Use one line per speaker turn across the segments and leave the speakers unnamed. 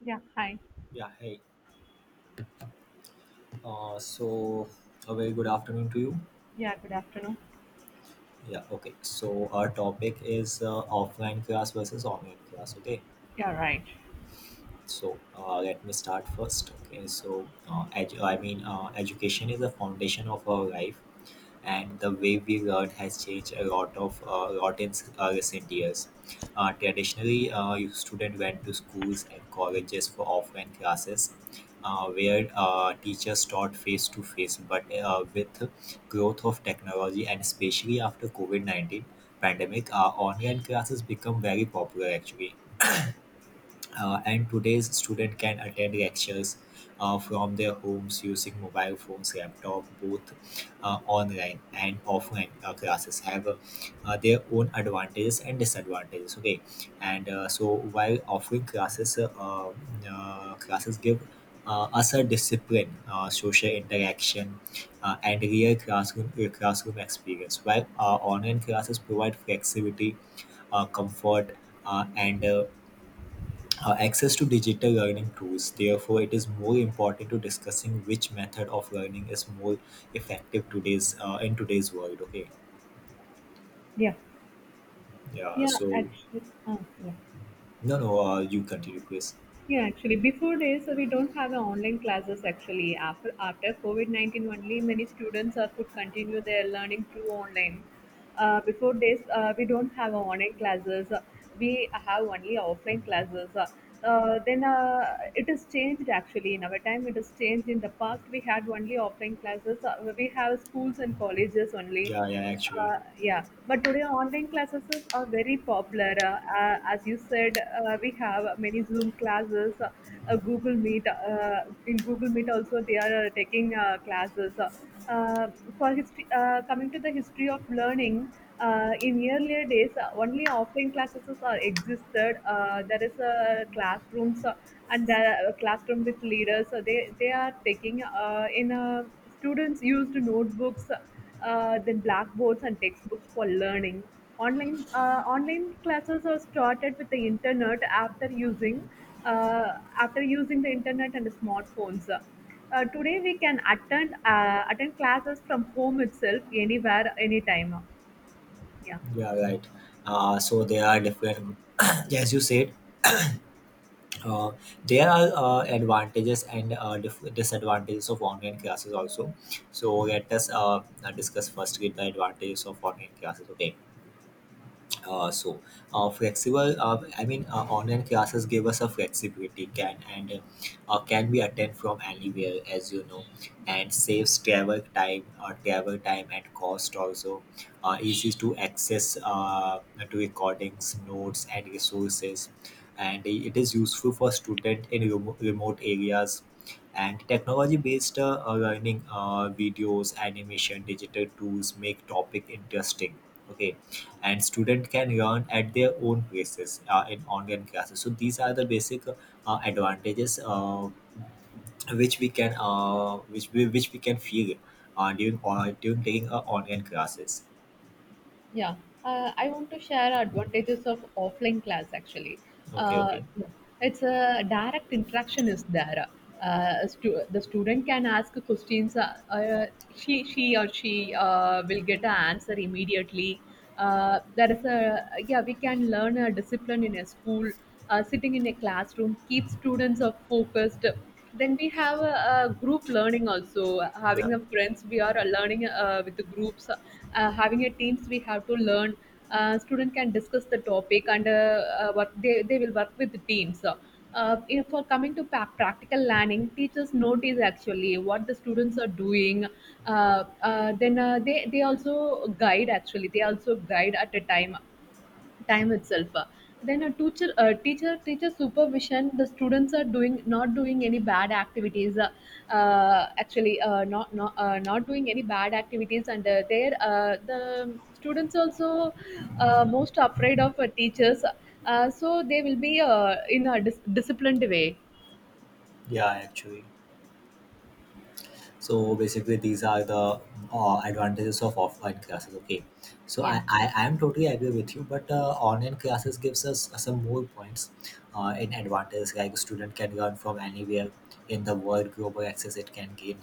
Yeah, hi.
Yeah, hey. Uh, so, a very good afternoon to you.
Yeah, good afternoon.
Yeah, okay. So our topic is offline class versus online class. Okay.
Yeah, right.
So, let me start first. Okay. Education is the foundation of our life, and the way we learn has changed a lot in recent years. Traditionally, you student went to schools and colleges for offline classes, where teachers taught face to face. But with growth of technology and especially after COVID 19 pandemic, online classes become very popular actually. And today's student can attend lectures from their homes using mobile phones, laptop. Both online and offline classes have their own advantages and disadvantages, okay, and so while offering classes give us a discipline, social interaction, and real classroom experience, while online classes provide flexibility, comfort, and access to digital learning tools. Therefore it is more important to discussing which method of learning is more effective today's in today's world. Okay,
Yeah,
yeah,
yeah,
so.
actually, uh, yeah.
No, no, you continue please.
Yeah, actually, before this, we don't have a online classes actually. After COVID-19, only many students are could continue their learning through online. Before this, we don't have a online classes. We have only offline classes. Then it is changed actually. In our time, it is changed. In the past, we had only offline classes. We have schools and colleges only.
Yeah, yeah, actually.
Yeah, but today online classes are very popular. As you said, we have many Zoom classes, Google Meet. In Google Meet also, they are taking classes. Uh, Coming to the history of learning, in earlier days, only offline classes are existed. There is classrooms, and there are classroom with leaders. So they are taking in, students used notebooks, then blackboards and textbooks for learning. Online classes are started with the internet uh, after using the internet and the smartphones. Today we can attend classes from home itself, anywhere, anytime. Yeah.
Yeah, right. So there are different as you said, uh, there are advantages and disadvantages of online classes also, so let us discuss first with the advantages of online classes. Okay. Uh, so flexible, I mean, online classes give us a flexibility, can and can be attend from anywhere, as you know, and saves travel time, or travel time and cost also. Easy to access to recordings, notes and resources, and it is useful for student in remote areas. And technology based learning, videos, animation, digital tools make topic interesting. Okay. And student can learn at their own paces in online classes. So these are the basic advantages which we which we can feel during during taking online classes.
Yeah, I want to share advantages of offline class actually.
Okay,
Uh,
okay.
it's a direct interaction is there. The student can ask questions. She will get an answer immediately. There is a Yeah, we can learn a discipline in a school, sitting in a classroom, keep students are focused. Then we have a group learning also, having
Yeah,
the friends we are learning with the groups, having a teams we have to learn. Student can discuss the topic, and what they will work with the teams. You for Coming to practical learning, teachers notice actually what the students are doing. Then they also guide actually. They also guide at a time itself. Then a teacher, teacher supervision, the students are doing not doing any bad activities. Uh, uh, actually uh, not not, uh, not doing any bad activities. And there, the students also most afraid of teachers, so they will be in a disciplined way.
yeah, actually. So basically these are the advantages of offline classes, okay. so i
Yeah,
i i am totally agree with you, but online classes gives us some more points in advantages. Like student can learn from anywhere in the world, global access it can gain,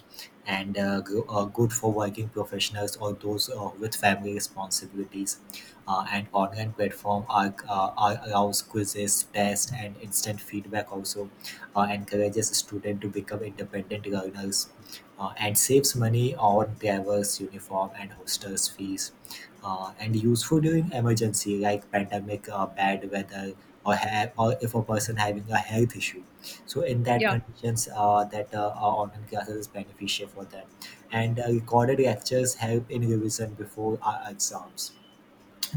and good for working professionals or those with family responsibilities, and online platform are allows quizzes, tests and instant feedback also. Encourages students to become independent learners, and saves money on drivers' uniform and hostels' fees. And useful during emergency like pandemic, bad weather, or if a person having a health issue. So in that
yeah.
conditions, that our online classes is beneficial for them. And recorded lectures help in revision before our exams,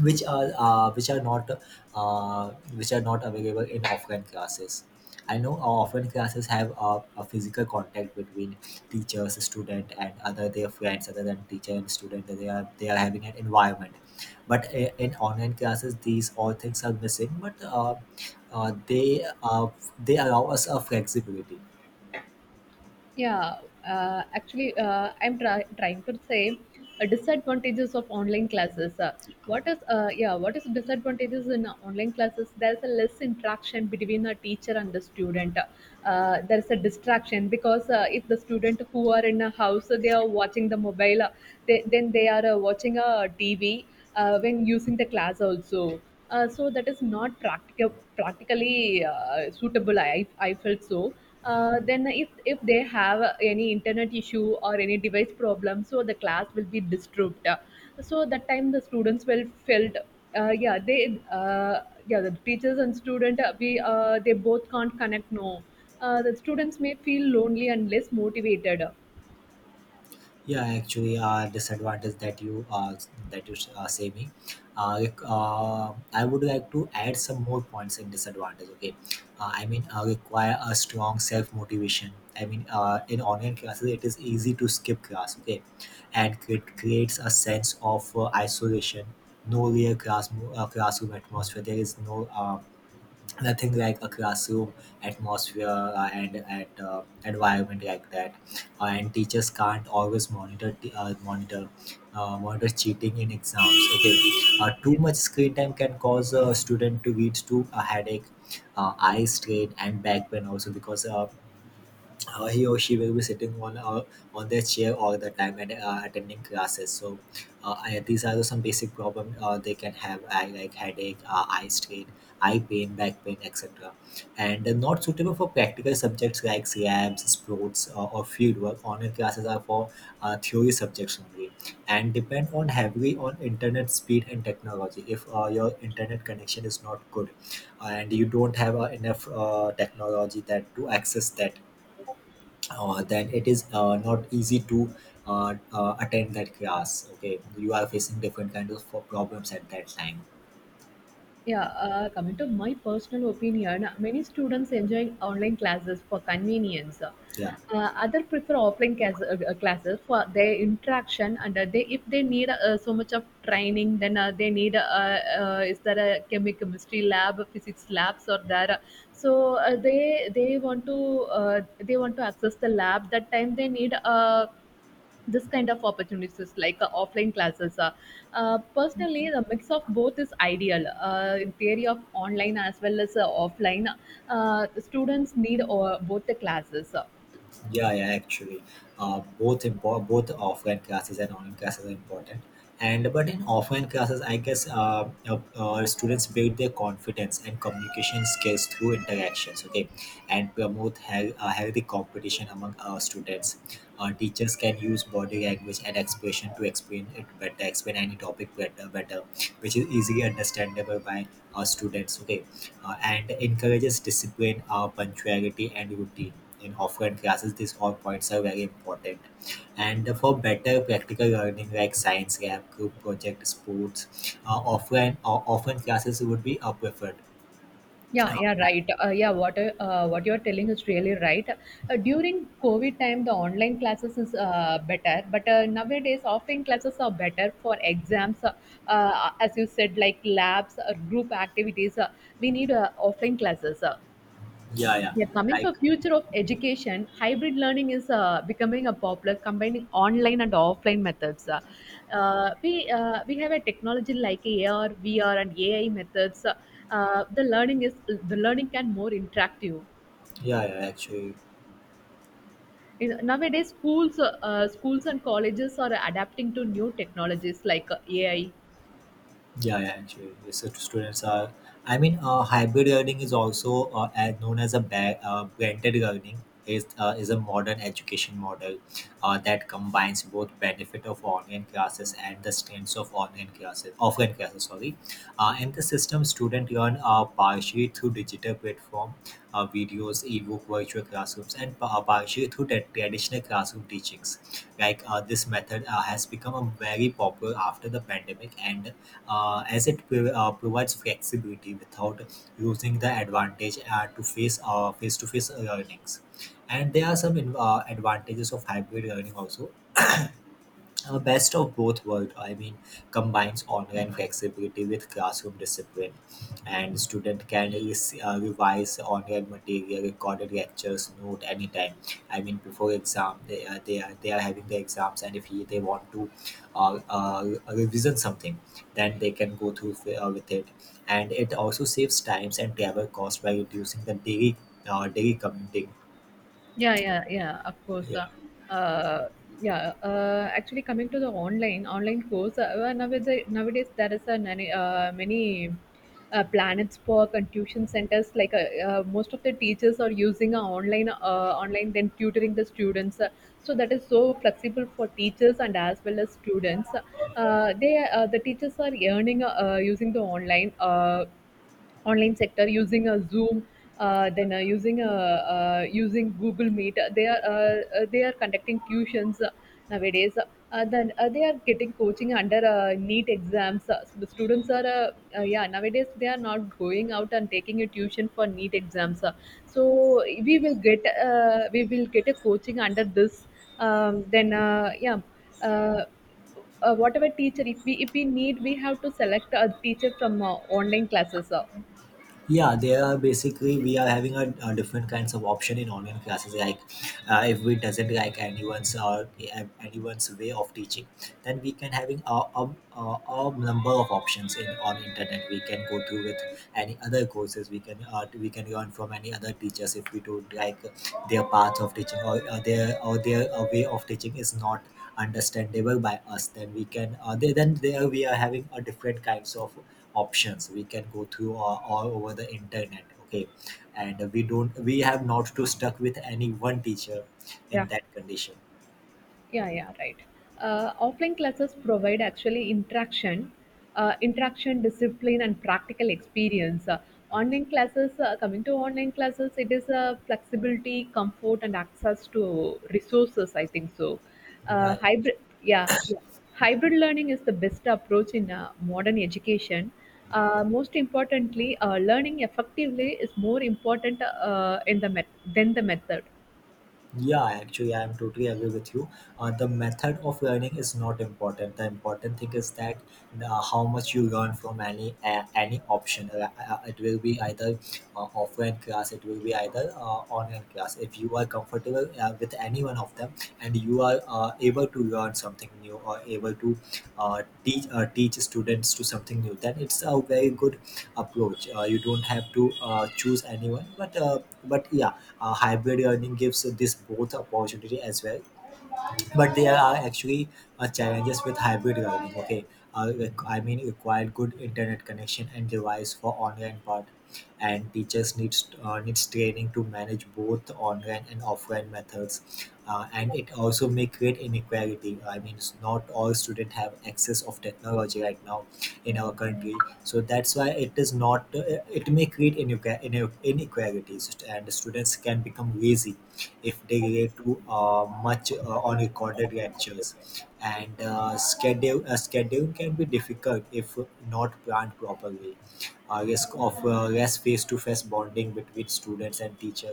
which are uh, which are not which are not available in offline classes. I know our offline classes have a physical contact between teachers, student, and other their friends, other than teacher and student. That they are having an environment, but in online classes, these all things are missing. But uh, they uh, they allow us a flexibility.
Yeah, actually, I'm trying to say disadvantages of online classes. What is, yeah? What is disadvantages in online classes? There's a less interaction between a teacher and the student. There's a distraction because if the student who are in a house, they are watching the mobile. Then they are watching a TV when using the class also. So that is not practically suitable, I felt so. Then if they have any internet issue or any device problem, so the class will be disturbed. So that time the students will felt. uh, yeah they uh, yeah, the teachers and student, we they both can't connect, no. The students may feel lonely and less motivated.
Yeah, actually, disadvantage that you say me. Like, I would like to add some more points in disadvantage. Okay, I mean, require a strong self motivation. I mean, in online classes, it is easy to skip class. Okay, and it creates a sense of isolation. No real classroom atmosphere. There is no nothing like a classroom atmosphere and at environment like that, and teachers can't always monitor t- monitor monitor cheating in exams. Okay. Too much screen time can cause a student to lead to a headache, eye strain and back pain also, because he or she will be sitting on their chair all the time and attending classes. So these are the some basic problem they can have, I, like headache, eye strain, eye pain, back pain, etc. And not suitable for practical subjects like labs, sports, or fieldwork. Online classes are for theory subjects only, and depend on heavily on internet speed and technology. If your internet connection is not good, and you don't have enough technology that to access that, then it is not easy to attend that class. Okay, you are facing different kind of problems at that time.
Yeah, coming to my personal opinion, many students enjoy online classes for convenience.
Yeah.
Other prefer offline classes for their interaction, and they, if they need so much of training, then they need, is there a chemistry lab, physics labs, or there. So they want to access the lab. That time they need a this kind of opportunities, like offline classes. Uh, Personally, the mix of both is ideal, in theory of online as well as offline. The students need both the classes.
Yeah, yeah, actually, both offline classes and online classes are important. And but in offline classes, I guess students build their confidence and communication skills through interactions. Okay, and promote healthy competition among our students. Teachers can use body language and expression to explain it better, explain any topic better, which is easily understandable by our students. Okay, and encourages discipline, punctuality, and routine. In offline classes, these all points are very important. And for better practical learning like science lab, group project, sports, offline classes would be preferred.
Yeah,
Uh,
yeah, right. Yeah, what you're telling is really right. During covid time, the online classes is better, but nowadays offline classes are better for exams. Uh, uh, as you said, like labs or group activities, we need offline classes.
yeah, yeah,
Yeah, coming
like.
for future of education, hybrid learning is becoming a popular, combining online and offline methods. We have a technology like AR, VR, and AI methods. The learning can more interactive.
Yeah, yeah, actually.
Nowadays, schools and colleges are adapting to new technologies, like AI.
Yeah, yeah, actually, these students are. I mean, hybrid learning is also as known as a blended learning. Is a modern education model that combines both benefit of online classes and the strengths of online classes, offline classes. Sorry, in the system, student learn partially through digital platform, videos, ebook, virtual classrooms, and partially through the traditional classroom teachings. Like this method has become a very popular after the pandemic, and as it provides flexibility without losing the advantage to face-to-face learnings. And there are some advantages of hybrid learning also. The best of both worlds, I mean, combines online flexibility with classroom discipline, and student can revise online material, recorded lectures, note anytime. I mean, before exam, they are having the exams, and if he, they want to revision something, then they can go through with it. And it also saves times and travel costs by reducing the daily daily commuting.
Yeah, yeah, yeah, of course.
Yeah,
Uh, yeah, actually, coming to the online course, well, nowadays there is a many planets for and tuition centers. Like, most of the teachers are using a online, then tutoring the students. So that is so flexible for teachers and as well as students. The teachers are earning using the online. Online sector using a zoom, then using google meet. They are conducting tuitions nowadays, then they are getting coaching under neat exams, the students are. Uh, yeah, nowadays they are not going out and taking a tuition for NEET exams, so we will get we will get a coaching under this. Then yeah, uh, whatever teacher, if we need, we have to select a teacher from online classes.
yeah, there are basically we are having a different kinds of option in online classes. Like if we doesn't like anyone's or anyone's way of teaching, then we can having a number of options in on internet. We can go through with any other courses, we can learn from any other teachers. If we don't like their path of teaching, or their way of teaching is not understandable by us, then there we are having a different kinds of options we can go through all over the internet. Okay, and we have not to stuck with any one teacher in
Yeah,
that condition.
yeah, yeah, right. Offline classes provide actually interaction, discipline, and practical experience. Coming to online classes, it is flexibility, comfort, and access to resources. I think so.
Yeah.
Uh, hybrid, yeah, yeah. Hybrid learning is the best approach in modern education. Most importantly, learning effectively is more important than the method.
Yeah, actually, I'm totally agree with you. The method of learning is not important. The important thing is that how much you learn from any option. It will be either offline class, it will be either online class. If you are comfortable with any one of them, and you are able to learn something new or able to teach students to something new, then it's a very good approach. You don't have to choose anyone, but but yeah, hybrid learning gives this both opportunity as well, but there are actually challenges with hybrid learning. Okay I mean require good internet connection and device for online part, and teachers needs training to manage both online and offline methods, and it also may create inequality. I mean not all students have access of technology right now in our country. So that's why it is not. It may create inequalities and students can become lazy if they relate to much on recorded lectures, and schedule scheduling can be difficult if not planned properly. Risk of less face-to-face bonding between students and teacher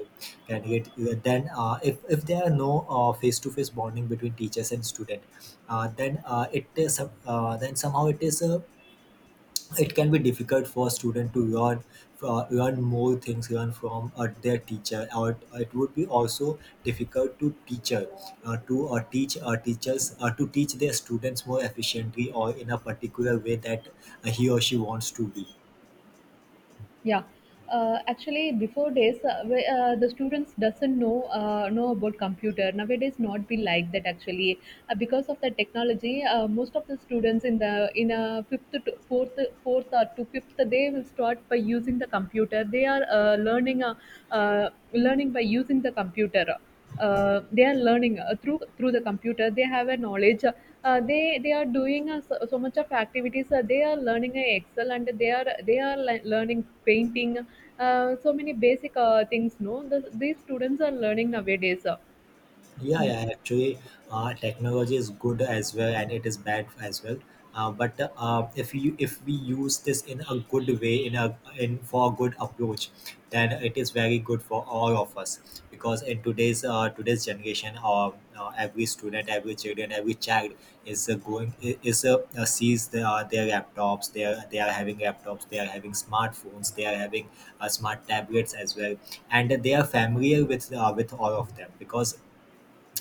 can get then if there are no face-to-face bonding between teachers and student, then it is then somehow it is it can be difficult for a student to learn, learn more things, learn from their teacher. Or it would be also difficult to teacher, to teach, teachers to teach their students more efficiently or in a particular way that he or she wants to be.
Yeah, actually, before days, the students doesn't know about computer. Nowadays, not be like that actually, because of the technology. Most of the students in a fifth to fourth or to fifth, they will start by using the computer. They are learning by using the computer. They are learning through the computer. They have a knowledge. They are doing so, so much of activities. They are learning excel, and learning painting. So many basic things, no, these students are learning nowadays. Uh.
Yeah,
Yeah.
yeah, actually, technology is good as well, and it is bad as well. But if you if we use this in a good way, in a in for a good approach, then it is very good for all of us. Because in today's generation, every student, every children, every child is sees the, their laptops. They are having laptops. They are having smartphones. They are having smart tablets as well, and they are familiar with all of them because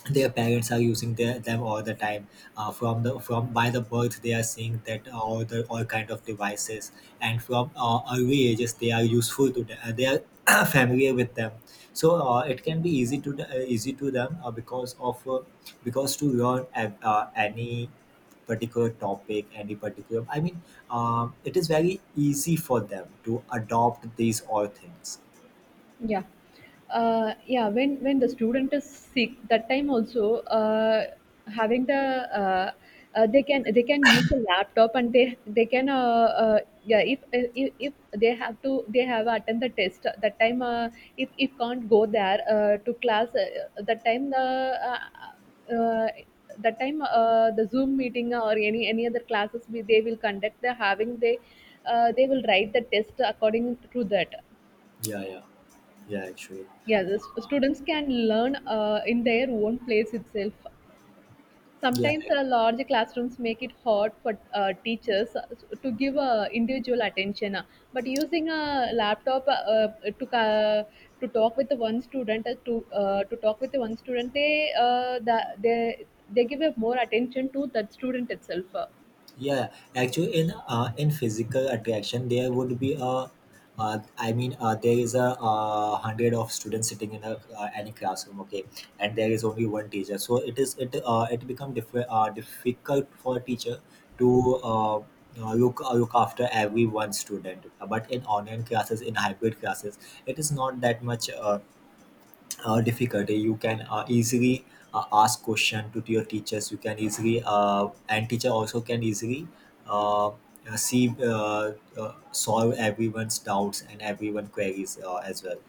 their parents are using their, them all the time. From the from by the birth they are seeing that all the all kind of devices, and from early ages they are useful to them, they are familiar with them. So it can be easy to easy to them because to learn any particular topic, any particular, I mean, it is very easy for them to adopt these all things.
Yeah. When the student is sick, that time also, having the, uh, they can use a laptop, and they can. Yeah, if they have to they have attend the test that time, if can't go there to class, uh, that time, the Zoom meeting or any other classes, they will conduct the, having they will write the test according to that.
Yeah, yeah. Yeah, actually.
Yeah, the students can learn in their own place itself.
Yeah.
Sometimes, large classrooms make it hard for teachers to give individual attention. But using a laptop, to ca- to talk with the one student, to talk with the one student, they the, they give a more attention to that student itself.
Yeah, actually, in physical attraction, there would be a, I mean, there is a hundred of students sitting in a any classroom, okay, and there is only one teacher. So it is it become difficult for a teacher to look, look after every one student. But in online classes, in hybrid classes, it is not that much. Difficulty, you can easily ask question to your teachers. You can easily and teacher also can easily see solve everyone's doubts and everyone queries as well.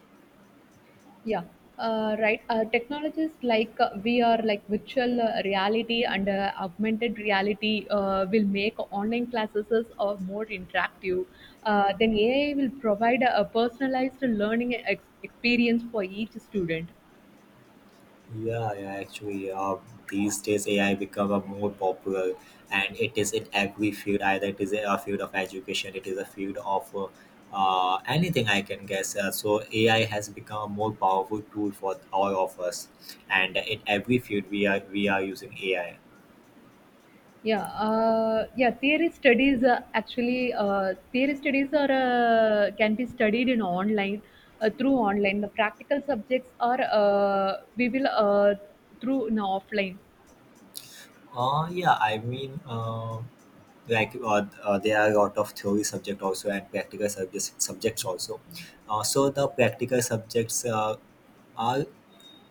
Yeah. Right. Technologies like VR, like virtual reality and augmented reality, will make online classes more interactive. Then AI will provide a personalized learning experience for each student.
Yeah, yeah, actually, these days AI become a more popular, and it is in every field. Either it is a field of education, it is a field of anything I can guess. So AI has become a more powerful tool for all of us, and in every field we are using AI.
Yeah, yeah. Theory studies are, can be studied in online, through online. The practical subjects are, we will through in offline.
Yeah, I mean, like there are a lot of theory subject also and practical subjects also. So the practical subjects are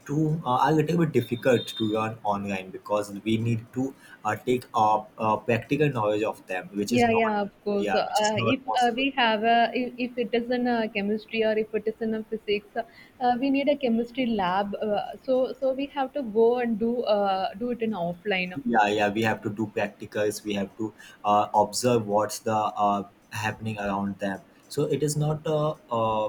to are a little bit difficult to learn online because we need to take a practical knowledge of them, which is
Yeah,
not
yeah, of course.
yeah, which is not possible.
If it is in a chemistry or if it is in a physics, we need a chemistry lab. So we have to go and do it in offline.
Yeah, yeah, we have to do practicals. We have to observe what's the uh, happening around them. So it is not uh, uh,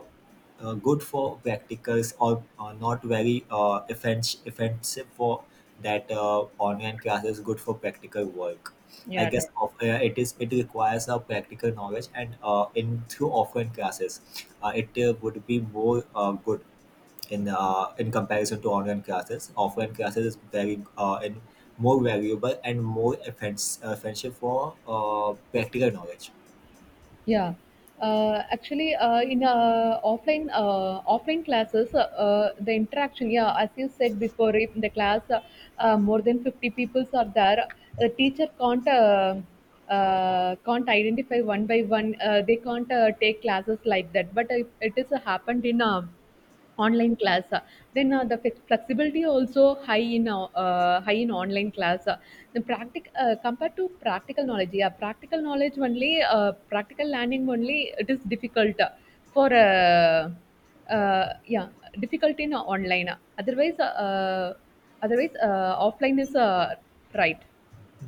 uh, good for practicals or not very offensive for that. Online class is good for practical work, I
Yeah,
guess.
right.
It is it requires a practical knowledge, and in through offline classes, it would be more good in comparison to online classes. Offline classes is very in more valuable and more offensive for practical knowledge.
Yeah, actually, in offline classes, the interaction. Yeah, as you said before, if in the class, more than 50 peoples are there, the teacher can't identify one by one. They can't take classes like that. But if it is happened in online class, then the flexibility also high in online class. The practic Compared to practical knowledge, yeah, practical learning only, it is difficult. For, yeah, difficult in online. otherwise uh, uh, Otherwise, offline is, right.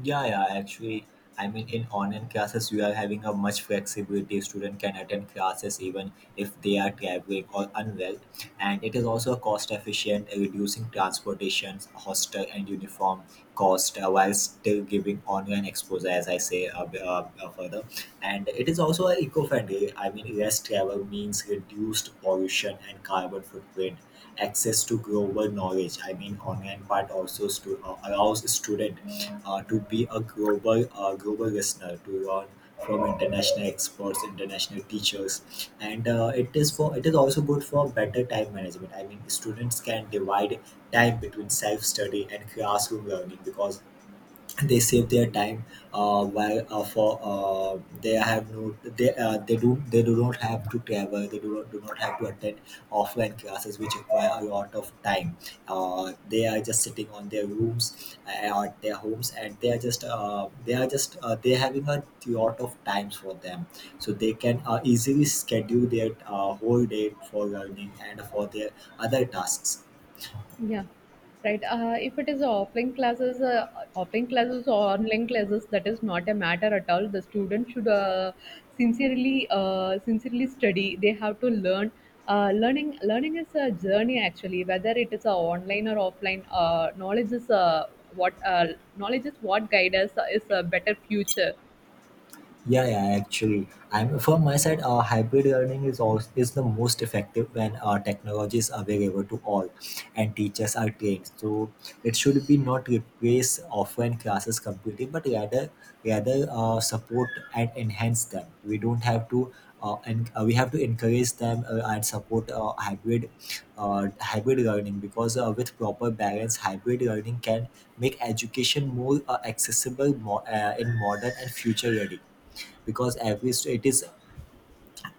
Yeah, yeah, actually, I mean, in online classes, you are having a much flexibility. Student can attend classes even if they are traveling or unwell, and it is also cost efficient, reducing transportation, hostel, and uniform cost, while still giving online exposure, as I say further. And it is also eco-friendly. I mean, less travel means reduced pollution and carbon footprint, access to global knowledge. I mean, online part also allows student to be a global, global listener to learn from international experts, international teachers. And it is for it is also good for better time management. I mean, students can divide time between self study and classroom learning, because they save their time while for they have no they they do not have to travel, they do not have to attend offline classes which require a lot of time. They are just sitting on their rooms at their homes, and they are just they are having a lot of times for them. So they can easily schedule their whole day for learning and for their other tasks.
Yeah, right. If it is a offline classes or online classes, that is not a matter at all. The student should sincerely study. They have to learn. Learning is a journey actually. Whether it is online or offline, what uh, knowledge is what guide us, is a better future.
Yeah, yeah, actually, I'm from my side. Hybrid learning is also is the most effective when technology is available to all, and teachers are trained. So it should be not replace offline classes completely, but rather support and enhance them. We don't have to and we have to encourage them and support hybrid learning, because with proper balance, hybrid learning can make education more accessible, more in modern and future ready, because every state is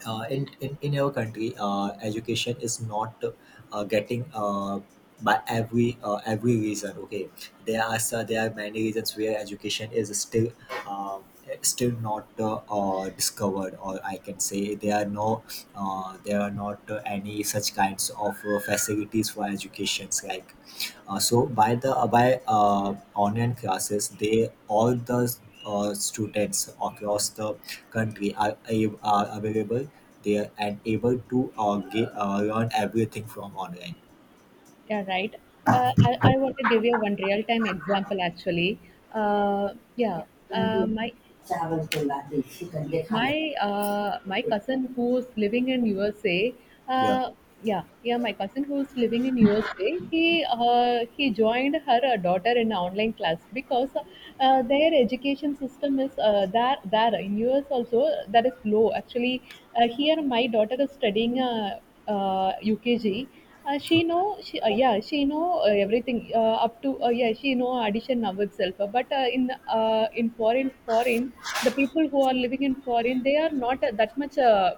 in our country, education is not getting by every reason, okay. There are there are many reasons where education is still uh, still not discovered, or I can say there are no there are not any such kinds of facilities for educations, like, so by the by online classes, they all the students across the country are, are available there and able to get, learn everything from online.
Yeah, right. I want to give you one real time example actually. Uh, yeah, uh, my my cousin who's living in USA,
Yeah.
uh, yeah, yeah, my cousin who's living in USA, he joined her daughter in online class, because their education system is, there in US also, that is low. Actually, here my daughter is studying UKG. She know she Yeah, she know everything up to. Yeah, she know addition now itself. But in foreign. The people who are living in foreign, they are not that much uh,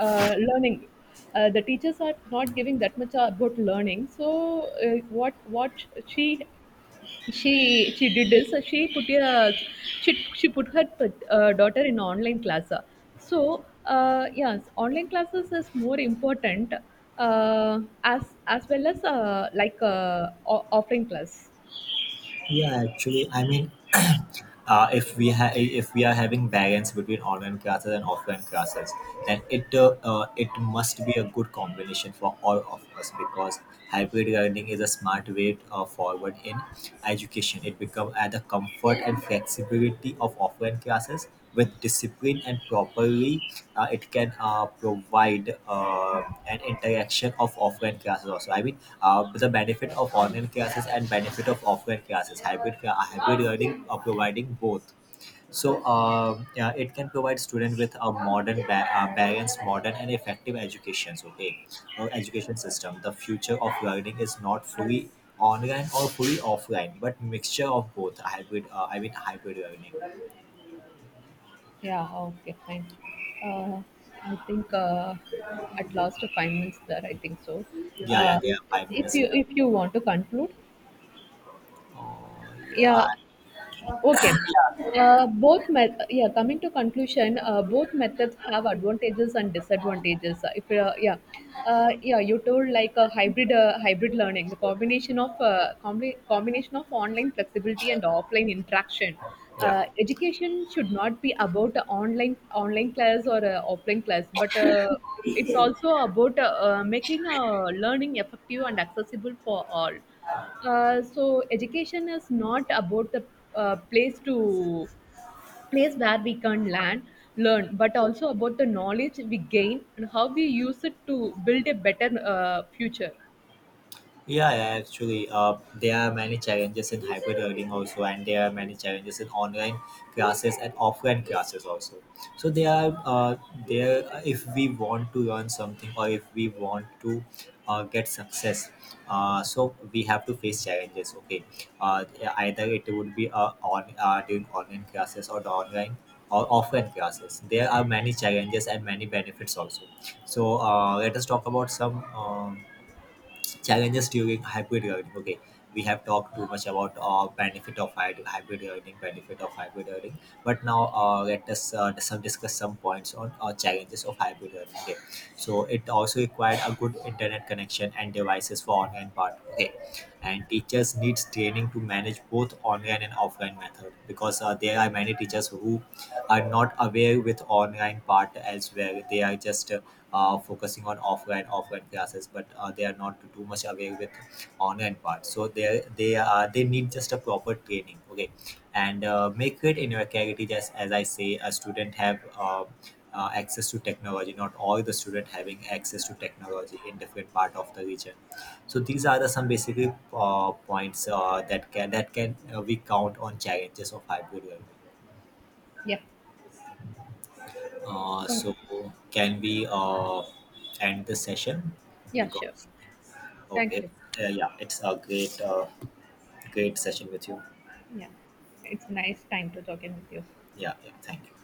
uh, learning. The teachers are not giving that much about learning. So what she did is, she, she put her daughter in online class. So, yes, online classes is more important, as well as, like, offline class.
Yeah, actually, I mean, if we are having balance between online classes and offline classes, then it must be a good combination for all of us, because hybrid learning is a smart way forward in education. It becomes at the comfort and flexibility of offline classes with discipline and properly, it can provide an interaction of offline classes also. I mean, the benefit of online classes and benefit of offline classes, hybrid hybrid learning are providing both. So yeah, it can provide student with a modern balanced, modern and effective educations, okay, or education system. The future of learning is not fully online or fully offline, but mixture of both, hybrid, I mean hybrid learning.
Yeah, okay, fine. Uh, I think at last, 5 minutes there, I think so.
Yeah, yeah,
Uh,
they are five
if
minutes
you
left.
if you want to conclude,
Yeah,
yeah. Okay. Yeah, coming to conclusion, both methods have advantages and disadvantages. If yeah Yeah, you told like a hybrid learning, the combination of combination of online flexibility and offline interaction.
yeah.
Education should not be about online class or offline class, but it's also about making learning effective and accessible for all. So education is not about the, uh, place to place where we can learn, but also about the knowledge we gain and how we use it to build a better future.
Yeah, yeah, actually, there are many challenges in hybrid learning also, and there are many challenges in online classes and offline classes also. So there are there if we want to learn something, or if we want to get success, so we have to face challenges. Okay, uh, either it would be on during online classes, or the online or offline classes. There are many challenges and many benefits also. So let us talk about some. Challenges during hybrid learning, okay. We have talked too much about benefit of hybrid learning, benefit of hybrid learning, but now let us some discuss some points on challenges of hybrid learning, okay. So it also required a good internet connection and devices for online part, okay, and teachers needs training to manage both online and offline method, because there are many teachers who are not aware with online part as well. They are just focusing on offline classes, but they are not too much aware with online part, so they need just a proper training, okay. And make it in your clarity, just as I say, a student have access to technology. Not all the student having access to technology in different part of the region. So these are the some basically points that can that can we count on challenges of hybrid learning.
Yeah.
uh, so
Okay.
can we end the session,
Yeah, sure.
because
Thank
Okay.
you.
Yeah, it's a great, great session with you.
Yeah. It's a nice time to talking with you.
Yeah, yeah. Thank you.